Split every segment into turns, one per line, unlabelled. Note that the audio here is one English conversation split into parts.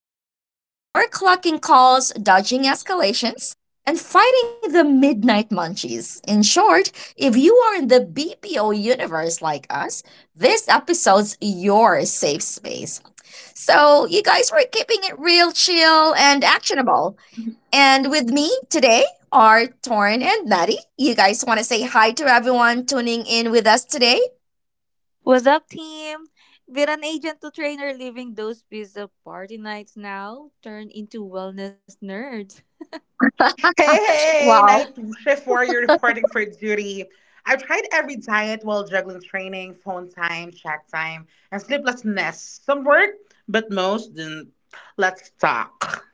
So, if you're clocking calls, dodging escalations, and fighting the midnight munchies, in short, if you are in the BPO universe like us, this episode's your safe space. So, you guys were keeping it real, chill, and actionable. And with me today are Torn and Maddie. You guys want to say hi to everyone tuning in with us today?
What's up, team? With an agent to trainer living those pizza party nights now turn into wellness nerds.
Hey, hey,
Wow.
night shift warrior reporting for duty. I've tried every diet while juggling training, phone time, chat time, and sleeplessness. Some worked, but most didn't. Let's talk.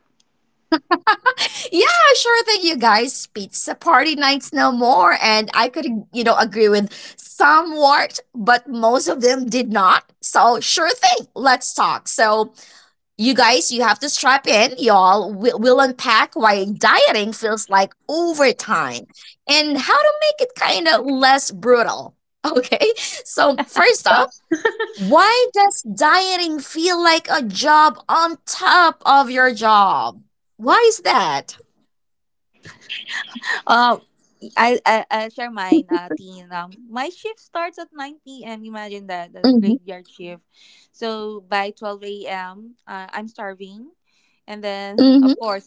Yeah, sure thing, you guys. Pizza party nights no more. And I could, agree with somewhat, but most of them did not. So, sure thing. Let's talk. So, you guys, you have to strap in, y'all. We'll unpack why dieting feels like overtime and how to make it kind of less brutal. Okay, so first up,
Yup,
why does dieting feel like a job on top of your job? Why is that?
Um, I'll share mine, teen. My shift starts at 9 p.m. Imagine that, the
Hmm.
graveyard shift. So by 12 a.m., I'm starving. And then, of
Hmm.
course,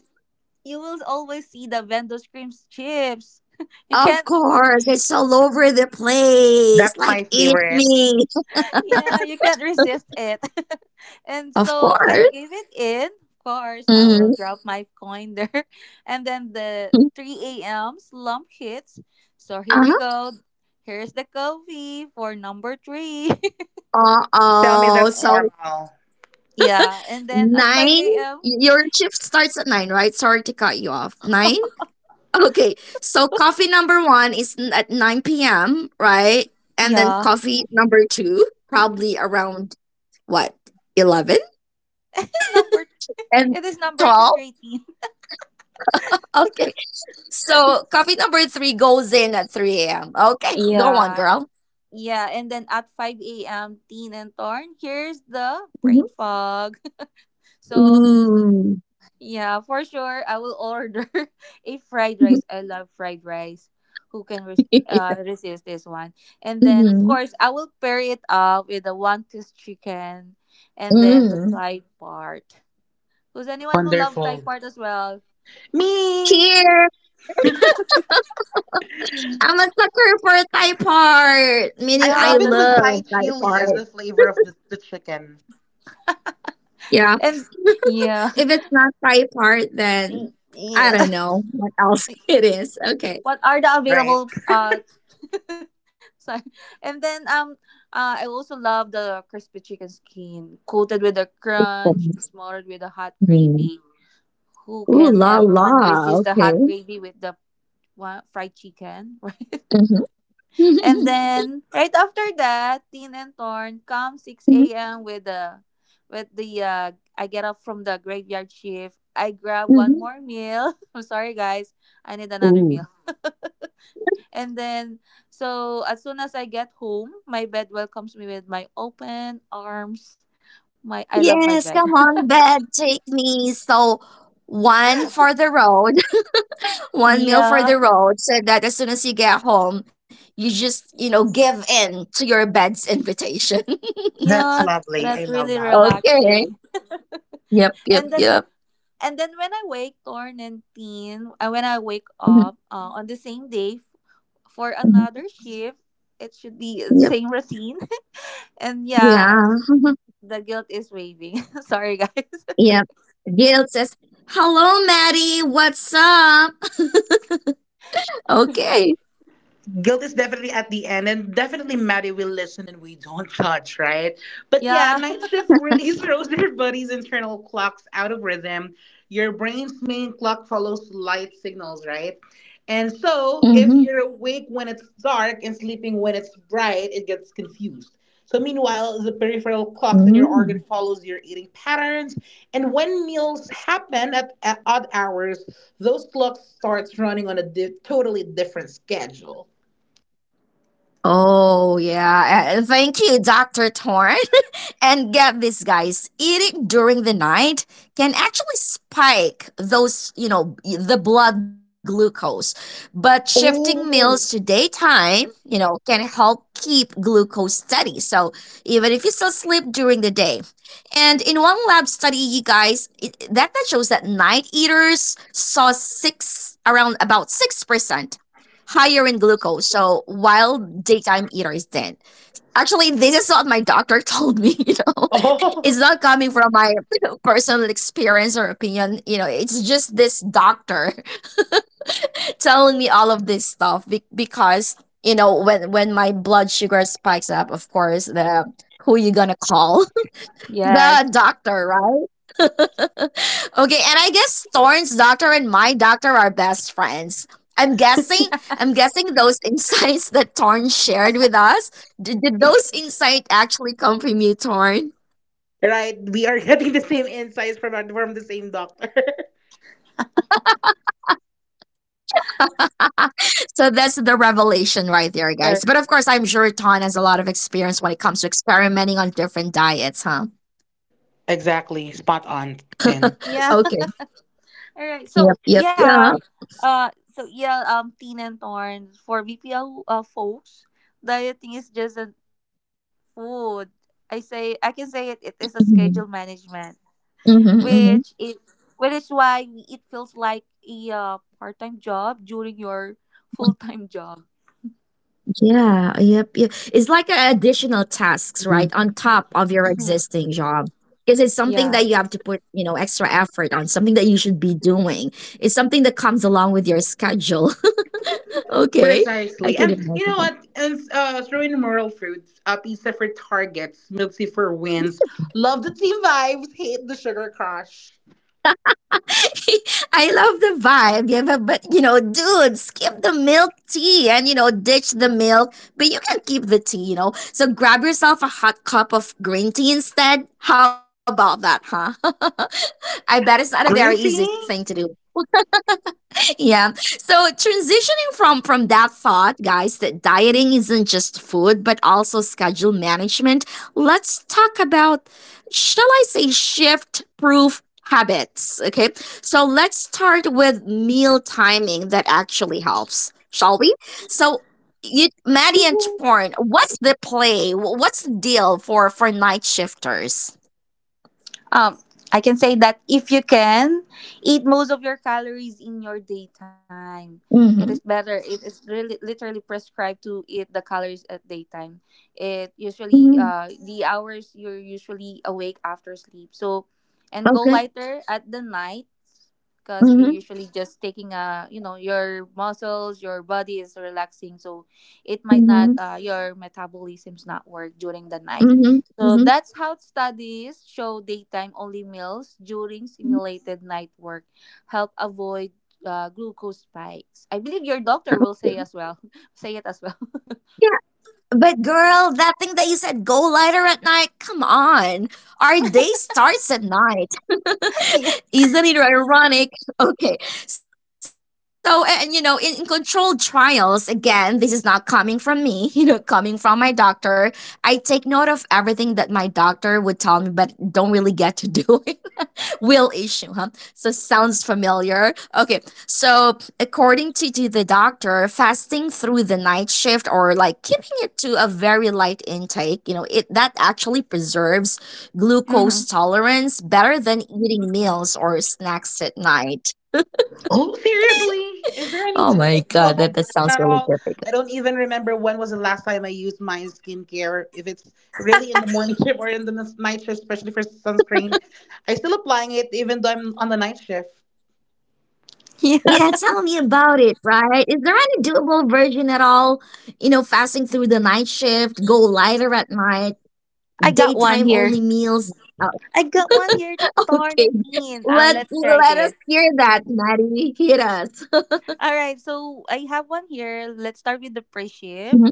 you will always see the vendor screams chips. You can't
Of course, it's all over the place.
that's my
Like, eat
favorite.
me.
Yeah, you can't resist it. and
Of
so I
course.
gave it in. Of course, I will
Hmm.
drop my coin there. And then the 3 a.m. slump hits. So here we
Uh-huh.
go. Here's the coffee for number three.
Tell me
Uh-oh.
that's
and
So,
normal.
yeah, and then at
nine,
5 a.m.
your shift starts at nine, right? Sorry to cut you off. Nine? Okay. So, coffee number one is at 9 p.m., right? And then
Yeah.
coffee number two, probably around what, 11
Number
and
it is number
12
13.
Okay, so coffee number three goes in at 3 a.m. Okay, go on,
Yeah.
girl.
Yeah, and then at 5 a.m., Teen and Torn, here's the brain
Mhm.
fog. So,
Mm.
yeah, for sure. I will order a fried rice.
Mhm.
I love fried rice. Who can resist this one? And then, of course, I will pair it up with the one piece chicken and then the
Mm.
Thai part. Who's anyone who love Thai part as well?
Me!
Here, I'm a sucker for Thai part, meaning
I
Yeah,
I
love it
that's
with Thai
love Thai
chili as
part.
the flavor of the chicken.
Yeah.
and yeah,
If it's not Thai part, then I
yeah.
don't know what else it is. Okay.
what are the
Right?
available sorry. And then I also love the crispy chicken skin coated with a crunch,
Mm.
smothered with a hot gravy. Who
Ooh
can
la la.
everyone resist the
Okay.
hot gravy with the fried chicken? Right? And
Mm-hmm.
then right after that, Tin and Thorn come
Mm-hmm.
6 a.m. With the I get up from the graveyard shift. I grab one
Mm-hmm.
more meal. I'm sorry guys, I need another meal.
Ooh.
And then, so as soon as I get home, my bed welcomes me with my open arms. My I love my bed.
Yes, come on, bed, take me. So, one for the road, one meal
Yeah.
for the road, so that as soon as you get home, you just, give in to your bed's invitation.
That's
Yeah,
lovely. I
that's
love
really
that.
Okay.
relaxing.
Yep, yep,
And
yep.
then And then when I wake, Torn and Teen, when I wake
Mhm,
up on the same day for
mhm.
another shift, it should be the
Yep,
same routine. And yeah,
yeah.
the guilt is waving. Sorry, guys.
Yep. Guilt says, hello, Maddie, what's up? Okay.
Guilt is definitely at the end, and definitely Maddie will listen and we don't judge, right? But yeah,
Yeah.
night shift really throws your body's internal clocks out of rhythm. Your brain's main clock follows light signals, right? And so if
Mm-hmm.
you're awake when it's dark and sleeping when it's bright, it gets confused. So meanwhile, the peripheral
Mm.
clocks in your organ follows your eating patterns, and when meals happen at odd hours, those clocks starts running on a totally different schedule.
Oh, yeah. Thank you, Dr. Torn. And get this, guys, eating during the night can actually spike those, the blood glucose. But shifting
Oh.
meals to daytime, can help keep glucose steady. So even if you still sleep during the day. And in one lab study, you guys, that shows that night eaters saw six, around about 6% higher in glucose. So while daytime eaters didn't. Actually, this is what my doctor told me, you know. It's
Oh.
not coming from my personal experience or opinion, you know. It's just this doctor telling me all of this stuff because, you know, when my blood sugar spikes up, of course, the who you going to call? The
Yes.
doctor, right? Okay, and I guess Thorn's doctor and my doctor are best friends. I'm guessing I'm guessing those insights that Thorn shared with us, did those insight actually come from you, Thorn?
Right. We are getting the same insights from from the same doctor.
So that's the revelation right there, guys. But of course, I'm sure Thorn has a lot of
Sir.
experience when it comes to experimenting on different diets, huh?
Exactly. Spot
Okay.
on, Tin.
Yeah.
Yep, yep,
All
yeah.
right. So yeah. Teen and Torn, for BPL folks, dieting is just a food. I can say it. It is a schedule
Mm-hmm.
management,
Mm-hmm,
which
mm-hmm.
is which is why it feels like a part-time job during your full-time job.
Yeah, yep, yep. It's like a additional tasks, right,
Mhm.
on top of your
Hmm.
existing job. Because it's something
Yeah.
that you have to put, extra effort on, something that you should be doing. It's something that comes along with your schedule. Okay, I
Precisely.
could
And you know
imagine.
what? And throwing moral fruits, pizza for targets, milky for wins. Love the team vibes, hate the sugar crush.
I love the vibe. Yeah, but you know, dude, skip the milk tea and you know, ditch the milk, but you can keep the tea, you know. So grab yourself a hot cup of green tea instead. How about that, huh? I bet it's not a very easy
Green
thing to
tea?
do. Yeah. So transitioning from that thought, guys, that dieting isn't just food but also schedule management, let's talk about, shall I say, shift proof habits, okay? So let's start with meal timing that actually helps, shall we? So you, Maddie and
You-
Torn, what's the play? What's the deal for night shifters?
Um, I can say that if you can eat most of your calories in your daytime, it is
Mhm.
better. It is really literally prescribed to eat the calories at daytime. It usually,
Mhm.
the hours you're usually awake after sleep. So, and go
Okay.
lighter at the night, because you're
Mhm.
usually just taking a you know your muscles, your body is relaxing. So it might not,
Mhm.
your metabolism's not work during the night.
Mhm.
So
Mhm.
that's how studies show daytime only meals during simulated night work help avoid glucose spikes. I believe your doctor will say as well, say it as well.
But girl, that thing that you said, go lighter at night. Come on. Our day starts at night.
yeah.
Isn't it ironic? Okay. So, and you know, in controlled trials, again, this is not coming from me, you know, coming from my doctor. I take note of everything that my doctor would tell me, but don't really get to do it. Will issue, huh? So, sounds familiar. Okay. So, according to the doctor, fasting through the night shift or like keeping it to a very light intake, you know, it that actually preserves
Mm-hmm.
glucose tolerance better than eating meals or snacks at night.
Oh, seriously? Is there any
Oh my God,
doable
that
version
sounds
at
really
all? I
difficult.
don't even remember when was the last time I used my skincare. If it's really in the morning shift or in the night shift, especially for sunscreen, I still applying it even though I'm on the night shift.
yeah
Yeah, tell me about it, right? Is there any doable version at all? You know, fasting through the night shift, go lighter at night,
i got one
daytime only
here
meals. Uh,
I got one here. Torn,
okay,
it in let's try
let us
this.
hear that, Maddie. Hit us.
All right, so I have one here. Let's start with the pre-shift.
Mhm.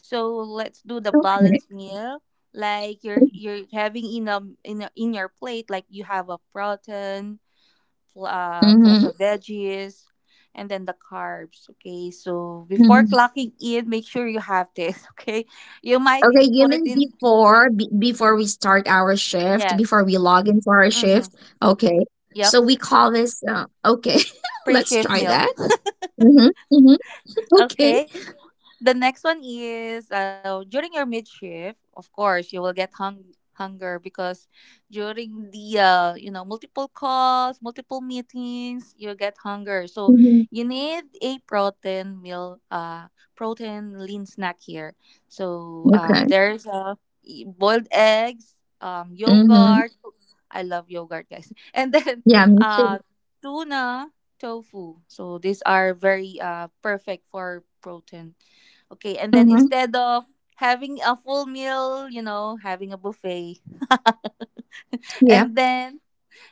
So let's do the
Okay.
balanced meal. Like you're having in in your plate, like you have a protein, plus
Mm-hmm.
the veggies, and then the carbs. Okay, so before
Mm-hmm.
clocking in, make sure you have this. Okay, you might
Okay, you
put it
mean
in.
before be before we start our shift, before
Yes.
we log into our
Mm-hmm.
shift, okay.
Yep.
So we call this okay. Let's
Pre-shift
try
meal.
that. Mm-hmm. Mm-hmm. Okay.
Okay. The next one is, during your mid shift, of course, you will get hunger, because during the you know multiple calls, multiple meetings, you get hunger. So
Mm-hmm.
you need a protein lean snack here. So
Okay.
there's boiled eggs,
Mm-hmm.
yogurt. I love yogurt, guys. and then
Yeah, me
uh,
too.
tuna, tofu. So these are very perfect for protein. Okay, and then
Mm-hmm.
instead of having a full meal, having a buffet.
Yep.
and then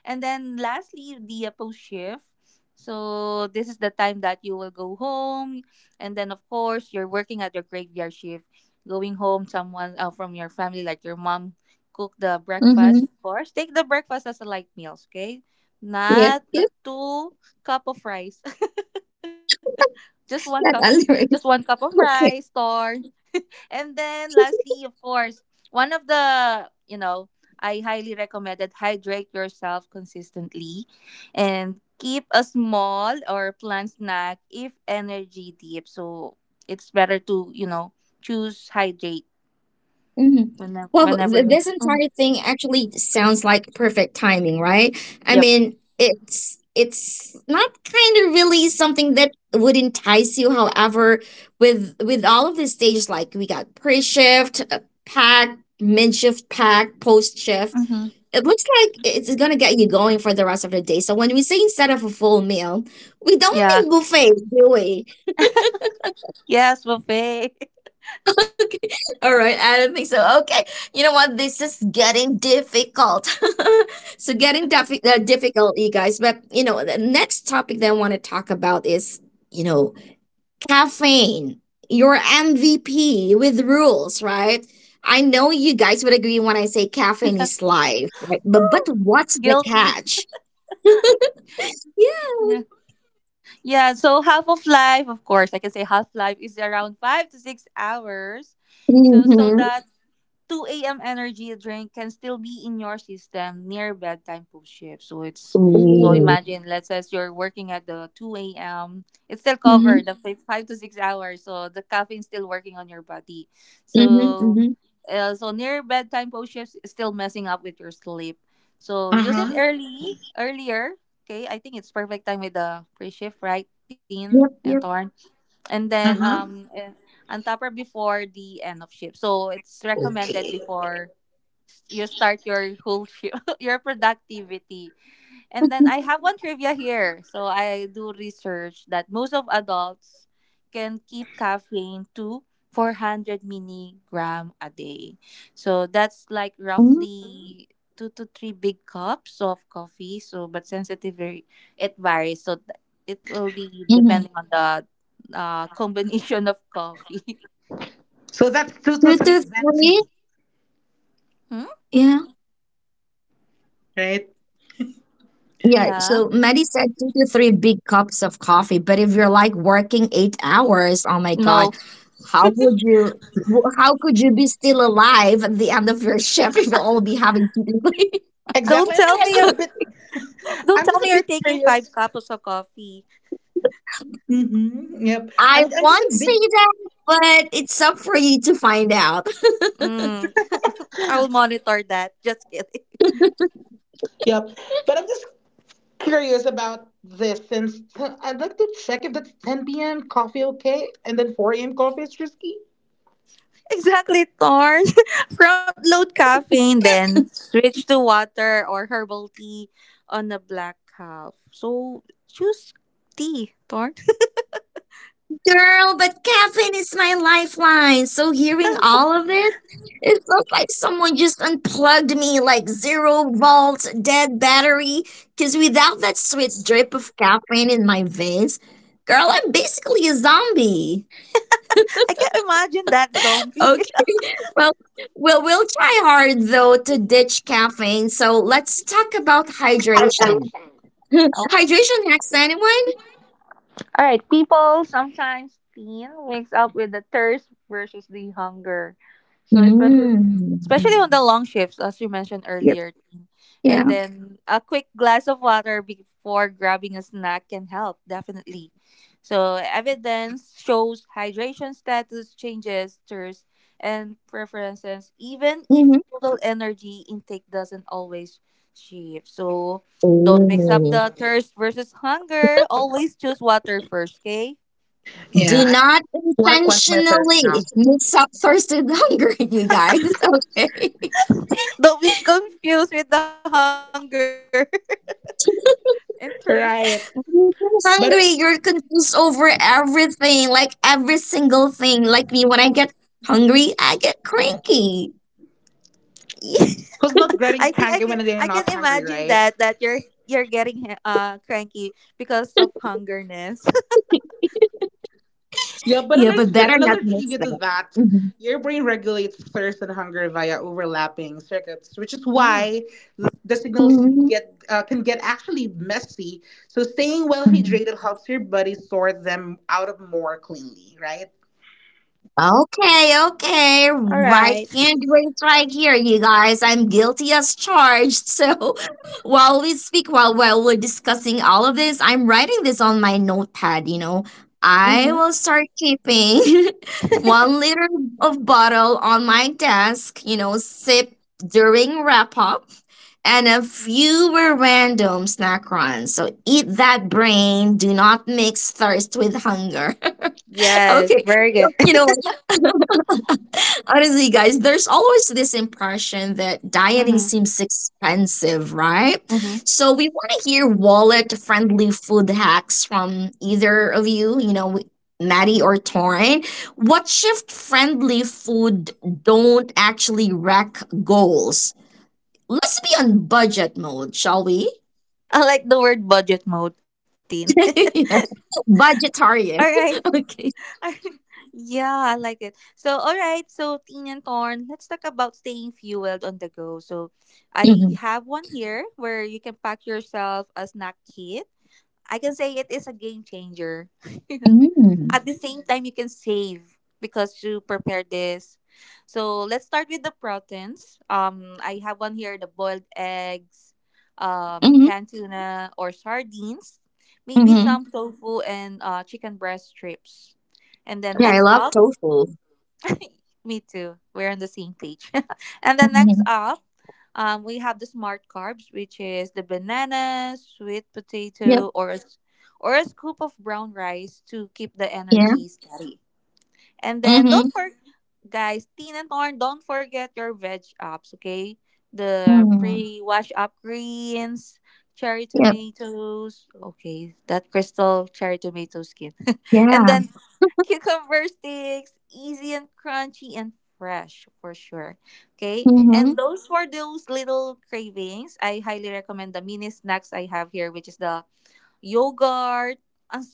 and then lastly, the post shift. So this is the time that you will go home, and then of course you're working at your graveyard shift. Going home, someone from your family, like your mom, cook the breakfast.
Mm-hmm.
Of course, take the breakfast as a light meals. Okay,
Yep.
not a
Yep.
two cup of rice. just one cup of
That other is
rice,
okay.
or. And then lastly, of course, one of the, you know, I highly recommend that hydrate yourself consistently and keep a small or plant snack if energy deep. So it's better to, choose hydrate
Mhm.
whenever
Well,
whenever
this
Mhm.
entire thing actually sounds like perfect timing, right? I
Yep.
mean, it's not kind of really something that would entice you. However, with all of the stages, like we got pre shift, pack, mid shift, pack, post shift,
Hmm.
it looks like it's gonna get you going for the rest of the day. So when we say instead of a full meal, we don't
Yeah.
mean buffet, do we?
Yes, buffet.
All right, I don't think so. Okay, you know what? This is getting difficult. So getting difficult, you guys. But you know, the next topic that I want to talk about is, you know, caffeine, your MVP with rules, right? I know you guys would agree when I say caffeine is life, right? But what's the
Guilty.
catch? Yeah.
Yeah. Yeah. So half of life, of course, I can say, half life is around 5 to 6 hours. So
Mm-hmm.
that 2 a.m. energy drink can still be in your system near bedtime post shift. So it's so
Uh
Ooh.
imagine let's say you're working at the 2 a.m. It's still
Mm-hmm.
covered the 5 to 6 hours. So the caffeine still working on your body.
Mm-hmm.
So
Mm-hmm.
so near bedtime post shifts is still messing up with your sleep. So use
huh.
it early, earlier. Okay, I think it's perfect time with the pre shift, right, Teen
Yep.
and Torn?
Yep.
And then
Uh huh.
on topper before the end of shift. So it's recommended before you start your whole shift, your productivity. And then I have one trivia here. So I do research that most of adults can keep caffeine to 400 milligram a day. So that's like
Mm-hmm.
roughly two to three big cups of coffee. So, but sensitive, it varies. So it will be
Mm-hmm.
depending on the combination of coffee.
So that's two to
Two
three
to three.
venti,
hmm?
Yeah.
right?
Yeah.
Yeah.
So Maddie said two to three big cups of coffee. But if you're like working 8 hours, oh my
No.
God, how would you? How could you be still alive at the end of your shift if you'll all be having two to three?
Don't
Exactly. And
tell
I'm
me
just
you're,
a bit.
don't
I'm
tell
just a
me you're
bit
taking five
curious.
cups of coffee.
Mm-hmm. Yep.
I
I'm just
won't
a bit.
say that, but it's up for you to find out.
Mm, I will monitor that. Just kidding.
Yep. But I'm just curious about this since I'd like to check if that's 10 p.m. coffee okay, and then 4 a.m. coffee is risky.
Exactly, Torn. Front load caffeine, then switch to water or herbal tea on a black calf. So choose tea, Torn.
Girl, but caffeine is my lifeline. So hearing all of it, it felt like someone just unplugged me like zero volt dead battery. Cause without that sweet drip of caffeine in my veins, girl, I'm basically a zombie.
I can't imagine that zombie.
Okay. Well, well, we'll try hard though to ditch caffeine. So let's talk about hydration. Hydration hacks, anyone?
All right, people sometimes teen wakes up with the thirst versus the hunger. So especially
Mm.
especially on the long shifts, as you mentioned
Yep.
earlier, Tin. And
Yeah.
then a quick glass of water before grabbing a snack can help, definitely. So, evidence shows hydration status changes, thirst, and preferences, even
Mm-hmm.
if total energy intake doesn't always shift. So, don't mix up the thirst versus hunger. Always choose water first, okay?
Yeah,
Do
I
not
want to quench my thirst
intentionally
now.
mix up thirst with hunger, you guys. Okay.
Don't be confused with the hunger and thirst.
Right.
You're hungry,
But
you're confused over everything, like every single thing. Like me, when I get hungry, I get cranky.
who's
I
not
think I
getting
can I
cranky
can
when they're not
imagine
hungry,
that
right?
you're getting cranky because of hungerness.
Yeah, but
Yeah, but
another,
better not
another
mix
trivia to
that.
that,
Mhm.
your brain regulates thirst and hunger via overlapping circuits, which is
Mm.
why the signals get can get actually messy. So staying well
Mhm.
hydrated helps your body sort them out of more cleanly, right?
Okay, okay.
All
Right
right.
hand drinks right here, you guys. I'm guilty as charged. So while we speak, while we're discussing all of this, I'm writing this on my notepad, you know. I
Mm-hmm.
will start keeping 1 liter of bottle on my desk, you know, sip during wrap up, and a few were random snack runs. So eat that brain. Do not mix thirst with hunger.
Yes,
Okay.
very
So,
good.
you know, honestly, guys, there's always this impression that dieting
Mm-hmm.
seems expensive, right?
Mm-hmm.
So we want to hear wallet-friendly food hacks from either of you, you know, Maddie or Torin. What shift-friendly food don't actually wreck goals? Let's be on budget mode, shall we?
I like the word budget mode, Tin.
Yeah.
all right.
Budgetarian. Okay.
yeah, I like it. So, all right. So, Tin and Torn, let's talk about staying fueled on the go. So, I have
Mm-hmm.
one here where you can pack yourself a snack kit. I can say it is a game changer. At the
Mm-hmm.
same time, you can save because you prepare this. So let's start with the proteins. I have one here: the boiled eggs, canned tuna or sardines, maybe
Mm-hmm.
some tofu and chicken breast strips. And then
Yeah, I
next
love
up.
tofu.
Me too. We're on the same page. and then next
Hmm.
up, we have the smart carbs, which is the banana, sweet
Yep.
potato, or a scoop of brown rice to keep the
Yeah.
energy steady. And then
Mhm.
don't forget, guys, Teen and Torn, don't forget your veg ups, okay? The
Mm.
pre-wash up greens, cherry
Yep.
tomatoes. Okay, that crystal cherry tomato skin. And
Yeah.
then cucumber sticks, easy and crunchy and fresh for sure. Okay.
Mm-hmm.
And those for those little cravings, I highly recommend the mini snacks I have here, which is the yogurt,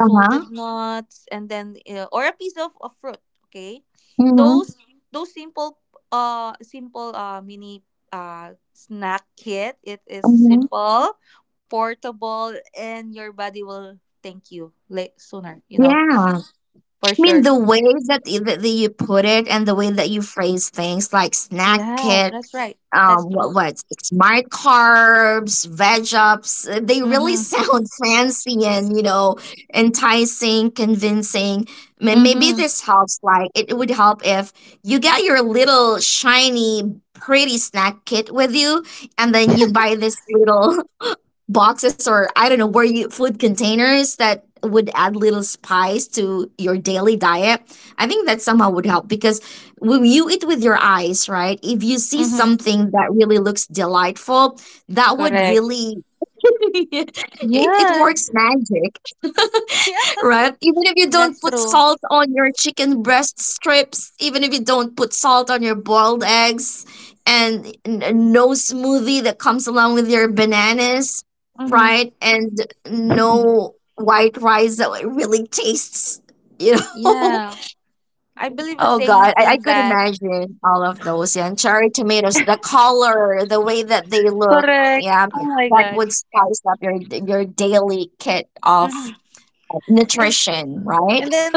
Uh-huh.
nuts, and then or a piece of, a fruit. Okay.
Mm-hmm.
Those those simple, mini snack kit. It is
Mm-hmm.
simple, portable, and your body will thank you late sooner,
Yeah. I
for sure.
mean, the way that, that you put it and the way that you phrase things, like snack
Yeah,
kit.
that's right. That's
Um,
true.
what, smart carbs, veg ups, they really
Mhm.
sound fancy and you know, enticing, convincing. Maybe
Mhm.
this helps, like it would help if you get your little shiny pretty snack kit with you, and then you buy this little boxes or I don't know where you food containers that would add little spice to your daily diet. I think that somehow would help because when you eat with your eyes, right? If you see
Mhm.
something that really looks delightful, that would
Correct.
really it, it
Yes.
works magic.
Yeah,
Right? Even if you don't
that's
put
true.
salt on your chicken breast strips, even if you don't put salt on your boiled eggs, and no smoothie that comes along with your bananas,
Mhm.
right? And no white rice that really tastes, you know?
yeah, I believe in
Oh
saying
God, I
thing
could
that.
imagine all of those. Yeah, and cherry tomatoes, the color, the way that they look.
Correct.
Yeah,
Oh my
that
gosh.
would spice up your daily kit of
Mhm. And
nutrition, right?
and then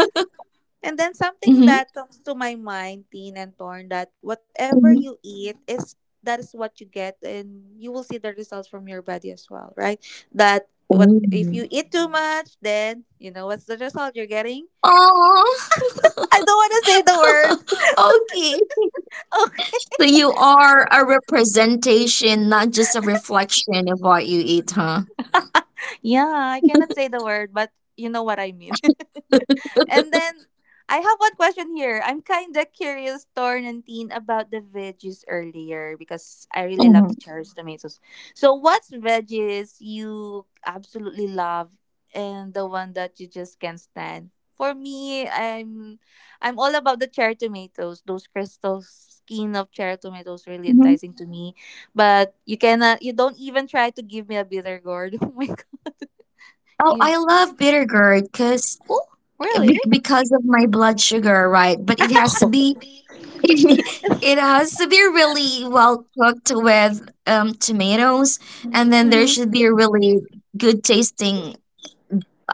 and then something
Mm-hmm.
that comes to my mind, Teen and Torn, that whatever
hmm
you eat is that is what you get, and you will see the results from your body as well, right? That what
Oh.
if you eat too much, then you know what's the result you're getting.
Aw.
I don't want to say the word.
okay.
Oh,
So you are a representation, not just a reflection of what you eat, huh?
yeah, I cannot say the word, but you know what I mean. And then I have one question here. I'm kind of curious, Torn and Teen, about the veggies earlier because I really love the
Mm-hmm.
cherry tomatoes. So, what's veggies you absolutely love and the one that you just can't stand? For me, I'm all about the cherry tomatoes. Those crystal skin of cherry tomatoes really
hmm
enticing to me. But you cannot, you don't even try to give me a bitter gourd. Oh my god!
Oh,
You,
I love bitter gourd because
oh really?
because of my blood sugar, right? But it has to be, it has to be really well cooked with tomatoes, and then there
Mm-hmm.
should be a really good tasting,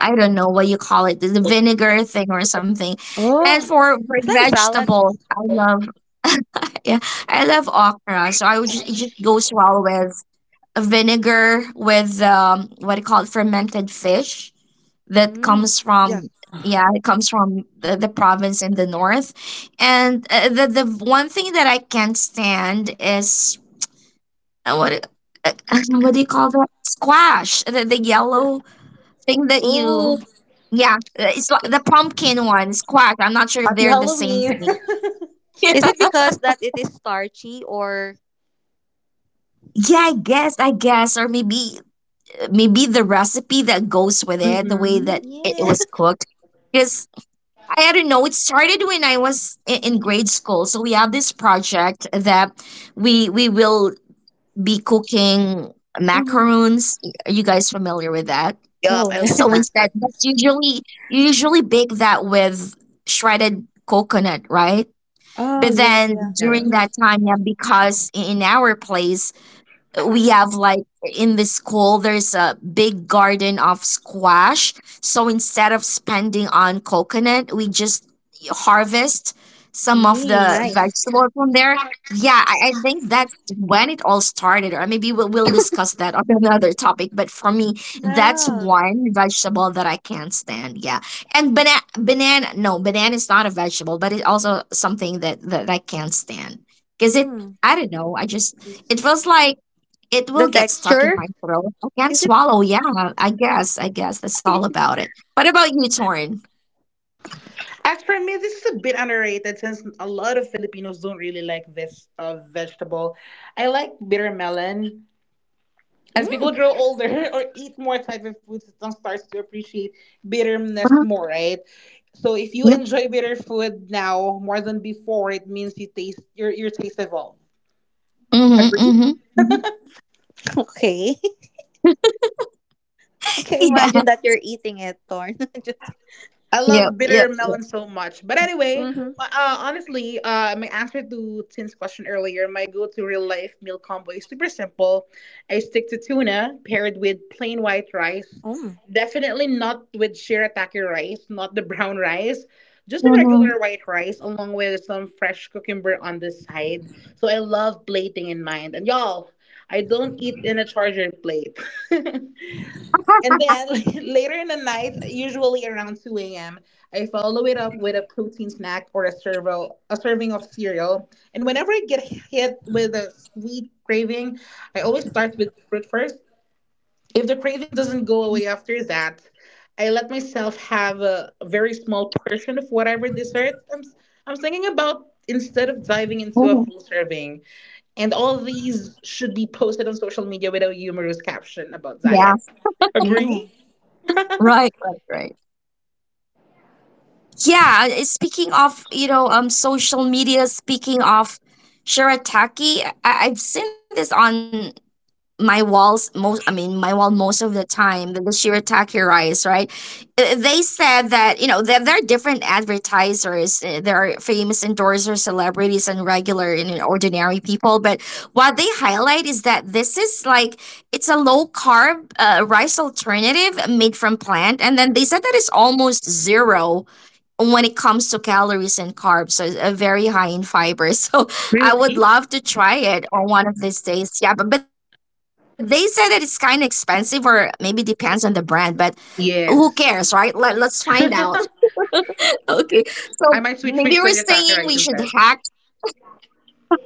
I don't know what you call it, the vinegar thing or something. And
Oh,
for
it's like a salad.
vegetables, I love, yeah, I love okra. So I would just, it just goes well with vinegar with what do you call it, fermented fish that
Mm.
comes
Yeah.
from, yeah, it comes from the province in the north. And the one thing that I can't stand is, what uh, what do you call that squash, the yellow thing that you,
Oh,
yeah, it's like the pumpkin ones quack. I'm not sure if
Happy
they're the same
Halloween.
thing.
is it because that it is starchy or?
yeah, I guess or maybe, maybe the recipe that goes with it, the way
Hmm.
that it
Yeah.
was cooked. Because I don't know, it started when I was in grade school. So we have this project that we will be cooking
Mm-hmm.
macaroons. Are you guys familiar with that?
Yup,
Oh,
I love
So
nice.
instead, that's
macarons.
usually, you usually bake that with shredded coconut, right?
Oh,
But
yeah, yeah, yeah.
then
Yeah.
during
Mm-hmm.
that time, yeah, because in our place, we have like, in the school there's a big garden of squash, so instead of spending on coconut, we just harvest some of
Yeah,
the
nice.
vegetable from there. Yeah, I think that's when it all started, or maybe we'll discuss that on another topic, but for me,
Yeah.
that's one vegetable that I can't stand, yeah. And banana is not a vegetable, but it's also something that I can't stand, because it,
Mm.
I don't know, I just, it feels like it
The
will get stuck in my
texture.
throat. I can't
Is it?
swallow. Yeah, I guess. I guess that's all
Is it?
about it. What about you, Torn?
As for me, this is a bit underrated since a lot of Filipinos don't really like this vegetable. I like bitter melon. As people
Mm,
grow older or eat more type of food, one starts to appreciate bitterness
Uh-huh.
more, right? So if you
Yep.
enjoy bitter food now more than before, it means you taste your taste evolved.
Mm-hmm,
Agree?
mm-hmm, mm-hmm.
okay. I can
Yeah.
imagine that you're eating it, Thorn. Just.
I
Yep.
love
Yep.
bitter
Yep.
melon so much. But anyway,
Mm-hmm.
honestly, my answer to Tin's question earlier, my go-to real-life meal combo is super simple. I stick to tuna paired with plain white rice.
Mm.
Definitely not with shirataki rice, not the brown rice. Just the
Mm-hmm.
regular white rice along with some fresh cucumber on the side. So I love plating in mind. And y'all, I don't eat in a charger plate. And then later in the night, usually around 2 a.m., I follow it up with a protein snack or a serving of cereal. And whenever I get hit with a sweet craving, I always start with fruit first. If the craving doesn't go away after that, I let myself have a very small portion of whatever dessert I'm thinking about instead of
hmm
diving into a full serving. And all these should be posted on social media with a humorous caption about
Yeah.
diet.
Mm.
Agree?
Right. Right. Right. Yeah. Speaking of, you know, social media. Speaking of Shirataki, I've seen this on my walls most, I mean my wall most of the time, the shirataki rice, right? They said that, you know, there are different advertisers, there are famous endorsers, celebrities and regular, and you know, ordinary people, but what they highlight is that this is like, it's a low carb rice alternative made from plant, and then they said that it's almost zero when it comes to calories and carbs, so it's very high in fiber. so I would
Really?
love to try it on one of these days. Yeah, but they said that it's kind of expensive, or maybe depends on the brand, but who cares, right? Let,
Yes.
let's find out.
I
okay, so maybe we're
might switch which
saying
to
we
the
should
taco rice
hack,
instead.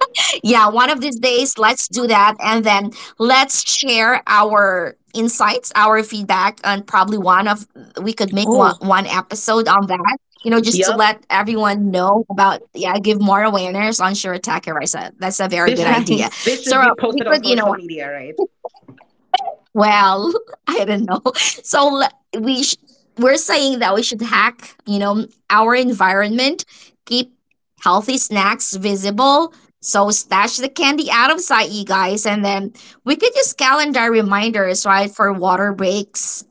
yeah, one of these days, let's do that. And then let's share our insights, our feedback, and we could make
Oh,
one episode on that, you know, just to
Yup.
let everyone know about, yeah, give more awareness on sure attacker. I said that's a
This
very good
should
idea.
nice.
this should
So
be posted
we
on
could, you
social
know,
media, right?
well, I don't know. So we're saying that we should hack, you know, our environment, keep healthy snacks visible. So stash the candy out of sight, you guys, and then we could use calendar reminders, right, for water breaks,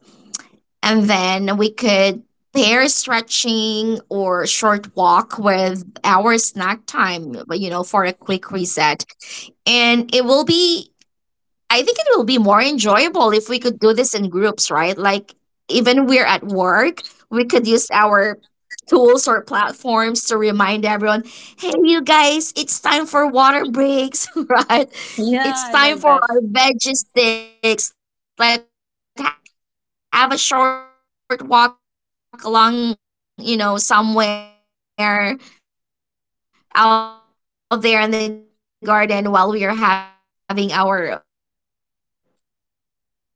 and then we could pair stretching or short walk with our snack time, but you know, for a quick reset. And it will be, I think it will be more enjoyable if we could do this in groups, right? Like, even we're at work, we could use our tools or platforms to remind everyone, "Hey you guys, it's time for water breaks, right?
Yeah, I
It's
love
time for
that.
our veggie sticks. Like have a short walk along, you know, somewhere out there in the garden while we are having our,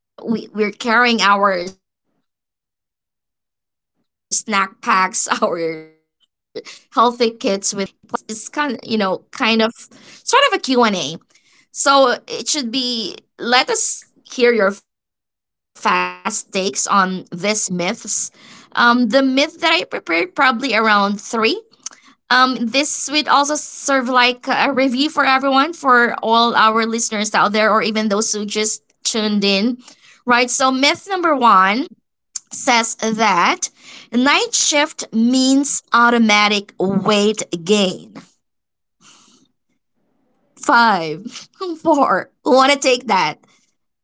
we're carrying our snack packs, our healthy kits with us." So that sounds really enjoyable, right? And having said all of this, guys, I would like to play a little game. This is called Myth Bust Lightning Rounds. It's kind of, you know, kind of sort of a Q&A. So it should be, let us hear your fast takes on these myths. The myth that I prepared probably around three, this would also serve like a review for everyone, for all our listeners out there, or even those who just tuned in. Right? So, myth number one says that night shift means automatic weight gain. Five, four, want to take that.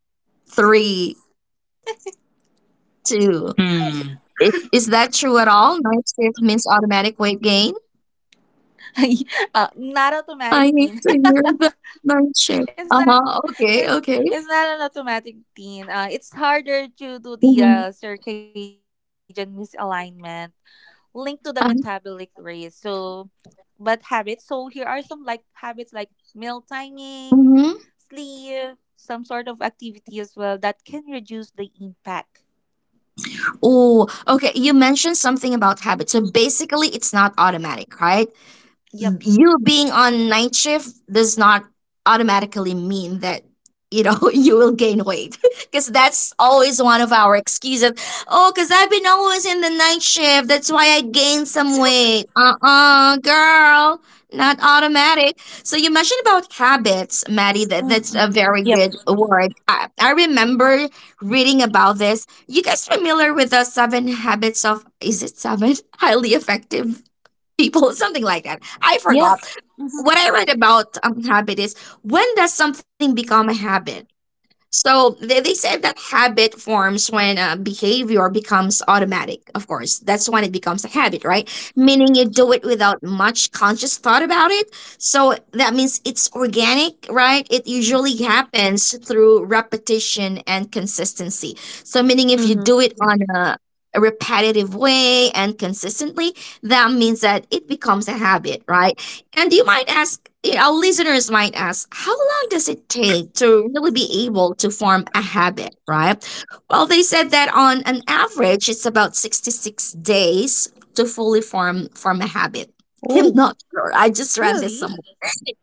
Three, two.
Mm.
i- Is that true at all? Night shift means automatic weight gain?
Not
I
automatic
hate to
pin.
hear that. Night shift.
it's
Uh
not
huh.
it's
Okay. Okay.
it's not an automatic thing. It's harder to do the
Mm-hmm.
circadian misalignment linked to the metabolic rate.
Uh.
So, but habits. So here are some like habits like meal timing,
hmm
sleep, some sort of activity as well that can reduce the impact.
Oh, okay. You mentioned something about habits. So basically, it's not automatic, right?
Yep.
You being on night shift does not automatically mean that, you know, you will gain weight, because that's always one of our excuses. Oh, because I've been always in the night shift, that's why I gained some weight. Uh-uh, girl, not automatic. So you mentioned about habits, Maddie, that's
Mm.
a very
Yep.
good word. I remember reading about this. You guys familiar with the seven habits of, is it seven, highly effective people, something like that. I
Yeah.
forgot.
Mhm.
What I read about habit is, when does something become a habit? So they said that habit forms when behavior becomes automatic. Of course, that's when it becomes a habit, right? Meaning you do it without much conscious thought about it. So that means it's organic, right? It usually happens through repetition and consistency. So meaning if you
Mhm.
do it on a repetitive way and consistently, that means that it becomes a habit, right? And you might ask, yeah, our listeners might ask, how long does it take to really be able to form a habit, right? Well, they said that on an average, it's about 66 days to fully form form a habit. I'm not sure. I just read this somewhere.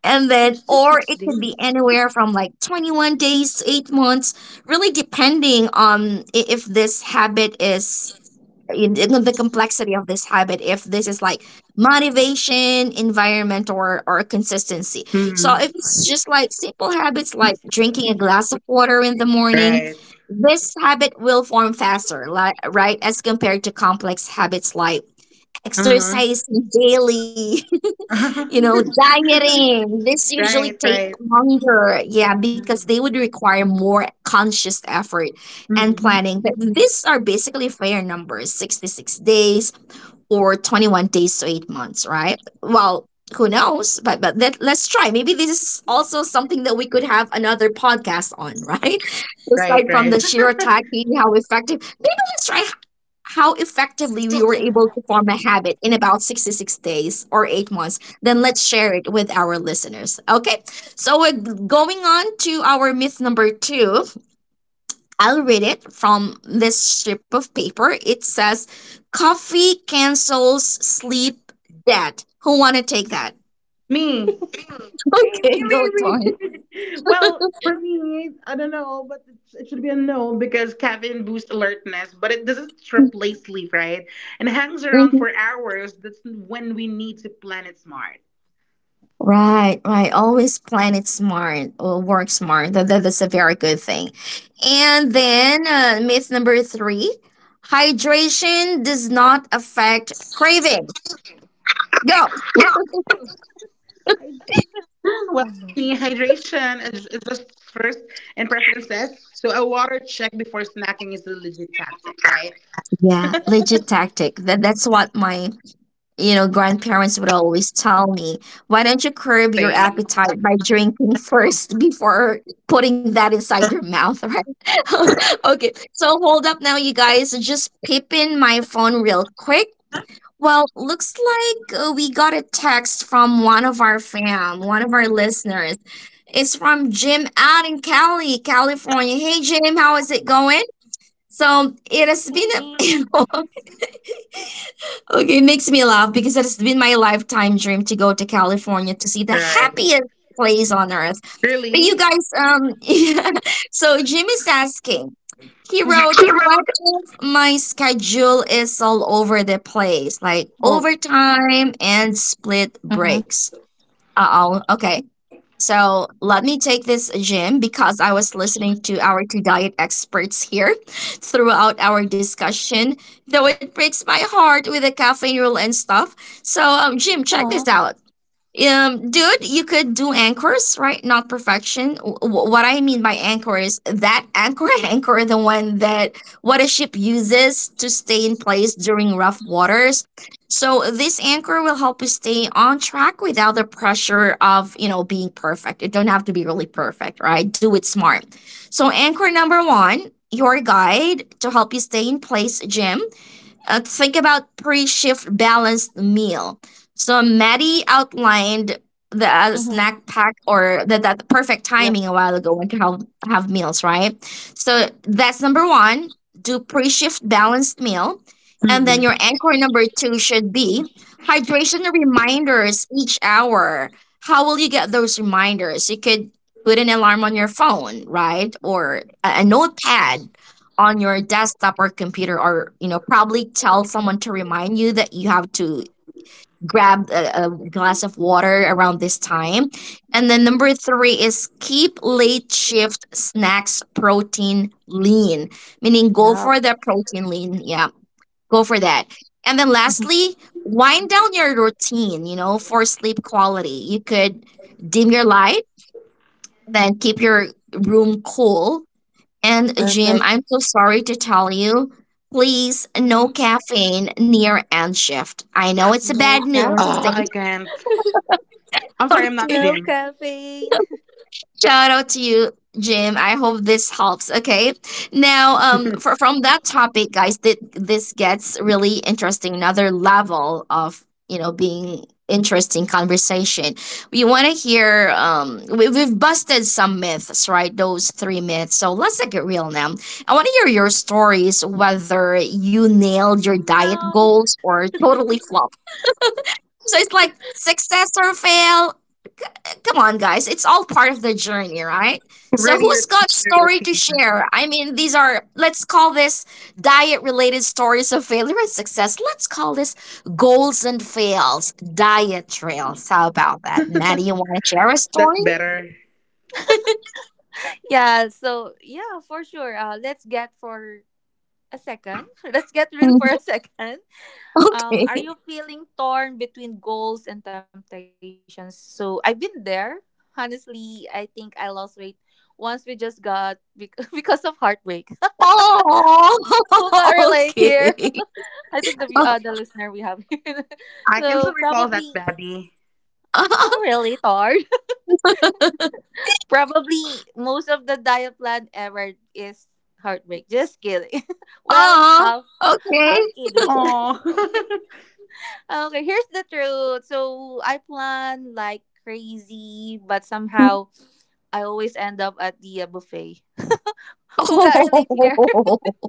And then, or it could be anywhere from like 21 days to 8 months, really depending on if this habit is in the complexity of this habit, if this is like motivation, environment, or consistency. So
Mm.
if it's just like simple habits like drinking a glass of water in the morning,
Right.
this habit will form faster, like, right, as compared to complex habits like
Uh-huh.
exercising daily, you know, dieting. This usually
right,
take
right.
longer, yeah, because they would require more conscious effort and
Mhm.
planning. But these are basically fair numbers: 66 days or 21 days to 8 months, right? Well, who knows? But let's try. Maybe this is also something that we could have another podcast on, right?
Right,
Aside from
right.
the shirataki, how effective. Maybe let's try how effectively we were able to form a habit in about 66 days or 8 months, then let's share it with our listeners. Okay, so we're going on to our myth number two. I'll read it from this strip of paper. It says, coffee cancels sleep debt. Who want to take that?
Me. Me, me,
Okay, go, Tony.
me. For me, I don't know, but it should be a no because caffeine boosts alertness, but it doesn't replace sleep, right? And hangs around for hours. That's when we need to plan it smart.
Right, right. Always plan it smart or work smart. That's a very good thing. And then myth number three, hydration does not affect craving. Go.
Mm, well, me, hydration is just first and preferences. So a water check before snacking is a legit tactic, right?
Yeah, legit tactic. That's what my, you know, grandparents would always tell me. Why don't you curb your
Same.
appetite by drinking first before putting that inside your mouth, right? okay, so hold up now, you guys. Just peep in my phone real quick. Well, looks like we got a text from one of our listeners. It's from Jim out in Cali, California. Hey, Jim, how is it going?
Hey,
So
Jean.
it has been a, okay, it makes me laugh because it has been my lifetime dream to go to California to see the
Right.
happiest place on earth. But you
Really?
guys, yeah. So Jim is asking. He
Mhm.
wrote,
She
"What
wrote.
if my schedule is all over the place, like
Oh.
overtime and split
Mhm.
breaks?" Uh oh. Okay. So let me take this, Jim, because I was listening to our two diet experts here throughout our discussion, though it breaks my heart with the caffeine rule and stuff. So, Jim, check
Oh.
this out. Dude, you could do anchors, right? Not perfection. What I mean by anchor is that anchor, anchor, the one that what a ship uses to stay in place during rough waters. So this anchor will help you stay on track without the pressure of, being perfect. It don't have to be really perfect, right? Do it smart. So anchor number one, your guide to help you stay in place, Jim. Think about pre-shift balanced meal. So Maddie outlined the
Mhm.
snack pack or the, that the perfect timing
Yep.
a while ago when to help have meals, right? So that's number one. Do pre-shift balanced meal. And then
Mhm.
your anchor number two should be hydration reminders each hour. How will you get those reminders? You could put an alarm on your phone, right? Or a notepad on your desktop or computer, or probably tell someone to remind you that you have to grab a glass of water around this time. And then number three is keep late shift snacks protein lean, meaning go for
Yep.
the protein lean, yeah, go for that. And then lastly, wind down your routine, for sleep quality. You could dim your light, then keep your room cool. And Jim,
Perfect.
I'm so sorry to tell you, please no
Mm-hmm.
caffeine near end shift. I know it's a
No
bad news.
caffeine.
Ah, I can't. I'm sorry, I'm not
Okay.
No
Jim.
caffeine.
Shout out to you, Jim. I hope this helps. Okay. Now, from that topic, guys, this gets really interesting. Another level of being interesting conversation. We want to hear. We've busted some myths, right? Those three myths. So let's get real now. I want to hear your stories, whether you nailed your diet
No.
goals or totally flopped. So it's like success or fail. Come on, guys. It's all part of the journey, right? So,
Ready your
who's got
teacher
story to
routine.
share? I mean, these are, let's call this diet related stories of failure and success. Let's call this goals and fails, diet trails. How about that? Maddie, you want to share a
That's
story?
better.
Yeah, so yeah, for sure. Let's get for a second. Let's get real for a second. Are
Okay.
you feeling torn between goals and temptations? So I've been there. Honestly, I think I lost weight once we just got because of heartbreak.
Oh,
Who got relate here?
okay.
I think the the listener we have here.
I can still
So
recall that,
probably
Babby.
not really torn. Probably most of the diet plan ever is heartbreak. Just kidding. Well,
Oh,
half
okay.
half kidding.
Oh,
Okay. Okay, here's the truth. So I plan like crazy, but somehow I always end up at the buffet. Who got relate here?
Oh,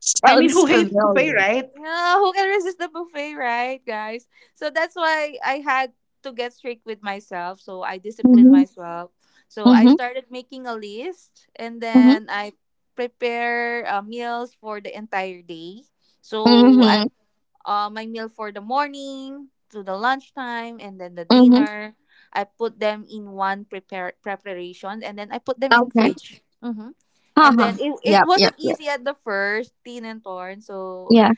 I mean,
sounds
who hates
familiar.
buffet, right?
No, who can resist the buffet, right, guys? So that's why I had to get strict with myself. So I disciplined
Mm-hmm,
myself. So I
mm-hmm,
started making a list, and then I prepare meals for the entire day. So
mm-hmm.
I my meal for the morning to the lunchtime and then the
Mm-hmm.
dinner. I put them in one prepare preparation, and then I put them in
Okay.
fridge. Mm-hmm.
Ha
And then
ha.
it
Yep. Yep.
wasn't
Yep.
easy at the first, Teen and Torn. So
Yeah.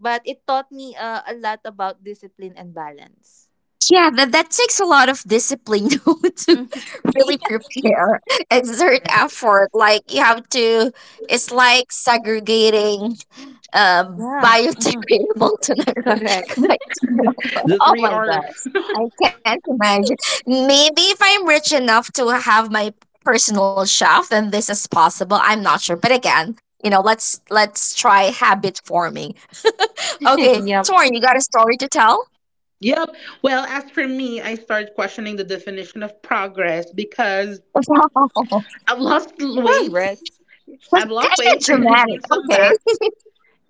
but it taught me a lot about discipline and balance.
Yeah. That that takes a lot of discipline though, to
Mhm.
really prepare, exert
Right.
effort. Like you have to. It's like segregating
Yeah. Mhm.
biodegradable to
Correct.
biodegradable.
The three
Oh my
R's.
gosh. I can't imagine. Maybe if I'm rich enough to have my personal chef, then this is possible. I'm not sure. But again, you know, let's try habit forming. Okay,
Yep.
Torn, you got a story to tell?
Yep. Well, as for me, I started questioning the definition of progress because I've lost weight.
Progress.
Wow.
I've
That's
lost
kind
weight
of
and I gained
dramatic.
some
Okay.
back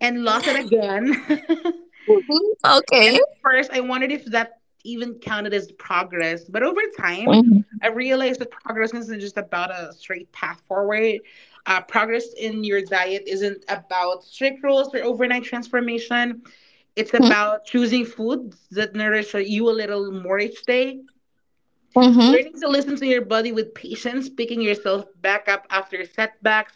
and lost it
Yeah.
again.
Mhm. Okay.
And at first, I wondered if that even counted as progress. But over time,
Mm-hmm.
I realized that progress isn't just about a straight path forward. Progress in your diet isn't about strict rules or overnight transformation. It's about choosing foods that nourish you a little more each day,
Hmm.
learning to listen to your body with patience, picking yourself back up after setbacks,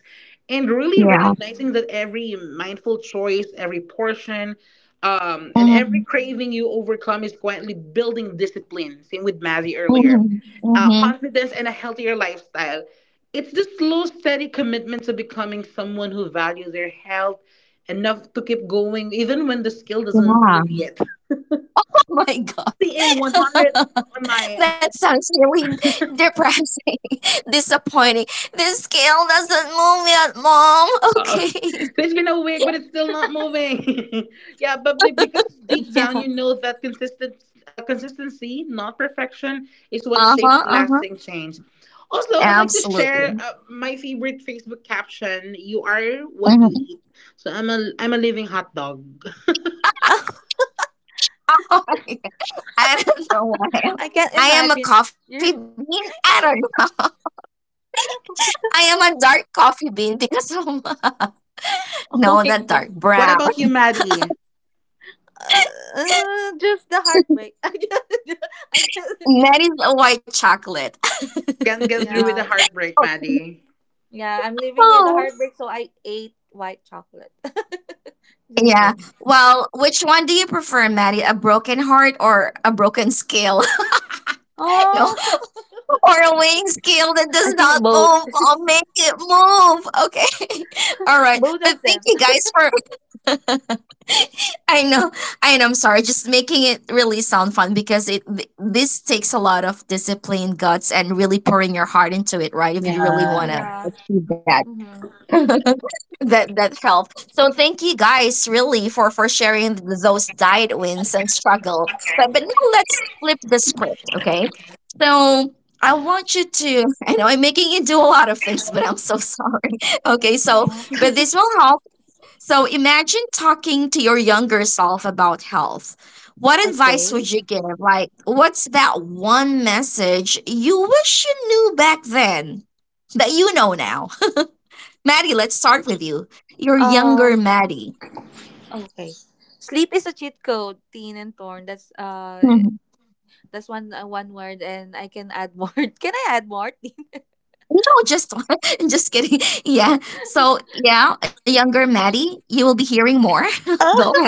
and really
Yeah.
recognizing that every mindful choice, every portion, and every
Hmm.
craving you overcome is quietly building discipline. Same with Maddie earlier.
Hmm. Hmm.
Confidence and a healthier lifestyle. It's the slow, steady commitment to becoming someone who values their health enough to keep going, even when the skill doesn't
Yeah.
move yet.
Oh my
Seeing
God.
100 on my...
That sounds really depressing, disappointing. This scale doesn't move yet, Mom.
So
Okay.
it's been a week, but it's still not moving. Yeah, but be-
Yeah.
because deep down you know that consistent consistency, not perfection, is what
Uh
shapes
huh. Uh huh.
lasting change. Also, I'd like to share
Absolutely.
my favorite Facebook caption: "You are what you
Mhm.
eat." So I'm a living hot dog.
I don't know why.
I can't
I am a
imagine.
coffee
You're,
bean. I don't know. I am a dark coffee bean because of no,
oh
not
my
dark
god.
brown.
What about you, Maddie?
Just the heartbreak. I can't. I can't.
That is a white chocolate.
Can't get through with the
Yeah.
heartbreak, Maddie.
Yeah. I'm living with the
Oh.
heartbreak, so I ate white chocolate. Just
Yeah.
kidding.
Well, which one do you prefer, Maddie? A broken heart or a broken scale? No.
Oh.
Or a weighing scale that
I
does
think
not
both.
move. I'll make it move. Okay. All right.
Both
But
of
thank
them.
you guys for I know, and I'm sorry. Just making it really sound fun because it this takes a lot of discipline, guts, and really pouring your heart into it, right? If you really
Yeah.
want to
Yeah.
achieve that,
Mm-hmm.
that that help. So thank you guys really for sharing those diet wins and struggle. But now let's flip the script, okay? So I want you to. I know I'm making you do a lot of things, but I'm so sorry. Okay, so but this will help, so imagine talking to your younger self about health. What
Okay.
advice would you give? Like, what's that one message you wish you knew back then that you know now? Maddie, let's start with you. Your younger
Um.
Maddie.
Okay. Sleep is a cheat code, Teen and Torn. That's
Mhm.
that's one one word, and I can add more. Can I add more? Teen?
No, just just kidding. Yeah. So yeah, a younger Maddie, you will be hearing more. Go
Oh,
ahead.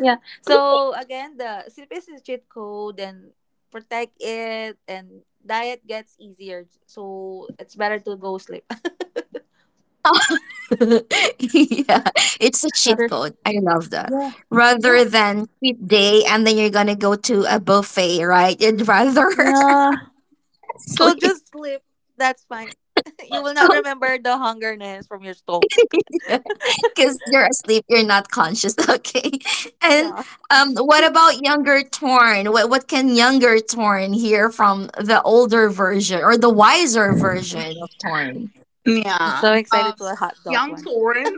yeah. So again, the sleep is a cheat code, and protect it and diet gets easier. So it's better to go sleep.
Yeah, it's a cheat
Rather.
code. I love that.
Yeah.
Rather
Yeah,
than cheat day and then you're gonna go to a buffet, right? You'd rather
yeah. So just
sleep.
sleep. That's fine. You will not remember
Oh,
the hungerness from your stomach.
yeah, because you're asleep, you're not conscious. Okay. And
Yeah.
what about younger Torn? What can younger Torn hear from the older version or the
I'm
wiser version of Torn?
so excited
Yeah.
to a hot dog one.
Young Torn,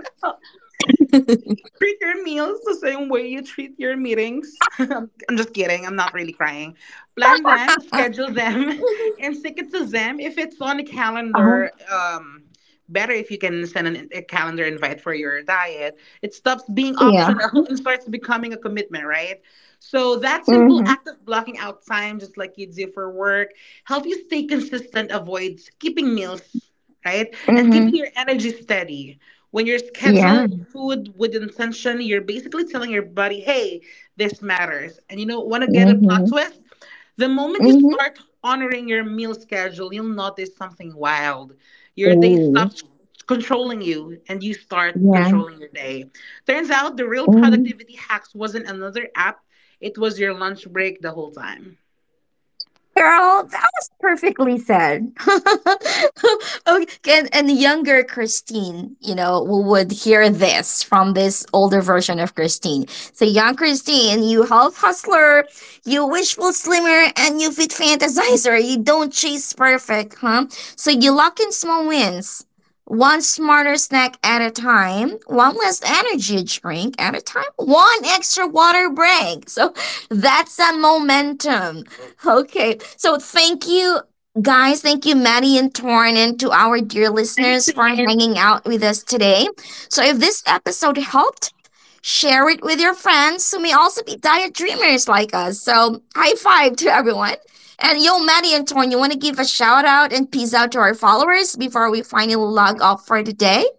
treat your meals the same way you treat your meetings. I'm just kidding. I'm not really crying. Plan them,
Uh,
schedule them, and stick it to them. If it's on a
oh,
calendar, better if you can send a calendar invite for your diet. It stops being
yeah.
optional and starts becoming a commitment, right? So that
Mm-hmm.
simple act of blocking out time, just like you do for work, help you stay consistent, avoid skipping meals, right? And
Mm-hmm.
keeping your energy steady when you
Yeah.
schedule food with intention, you're basically telling your body, hey, this matters. And you know, want to get a plot
Mm-hmm.
twist? The moment you start honoring your meal schedule, you'll notice something wild. Your day
Mm-hmm.
stops controlling you and you start
Yeah.
controlling your day. Turns out the real
Mm-hmm.
productivity hacks wasn't another app, it was your lunch break the whole time.
Girl, that was perfectly said. Okay, and the younger Christine, you know, who would hear this from this older version of Christine. So, young Christine, you health hustler, you wishful slimmer, and you fit fantasizer. You don't chase perfect, huh? So, you lock in small wins. One smarter snack at a time, one less energy drink at a time, one extra water break. So that's a momentum. Okay. So thank you, guys. Thank you, Maddie and Torn, and to our dear
Thanks,
listeners for
Sin.
hanging out with us today. So if this episode helped, share it with your friends who may also be diet dreamers like us. So high five to everyone. And yo, Maddie and Torn, you want to give a shout out and peace out to our followers before we finally log off for today?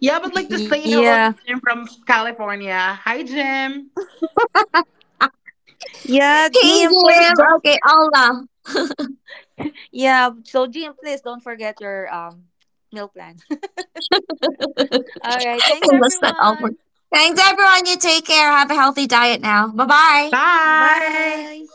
Yeah, but like to say
Yeah.
hello to Jim from California. Hi, Jim.
Yeah, Jim,
Okay,
please
Jim.
don't.
Okay, I'll,
Yeah, so Jim, please don't forget your meal plan. All right, thanks
let's not off.
everyone.
Thanks, everyone. You take care. Have a healthy diet now. Bye bye.
Bye
Bye.
bye.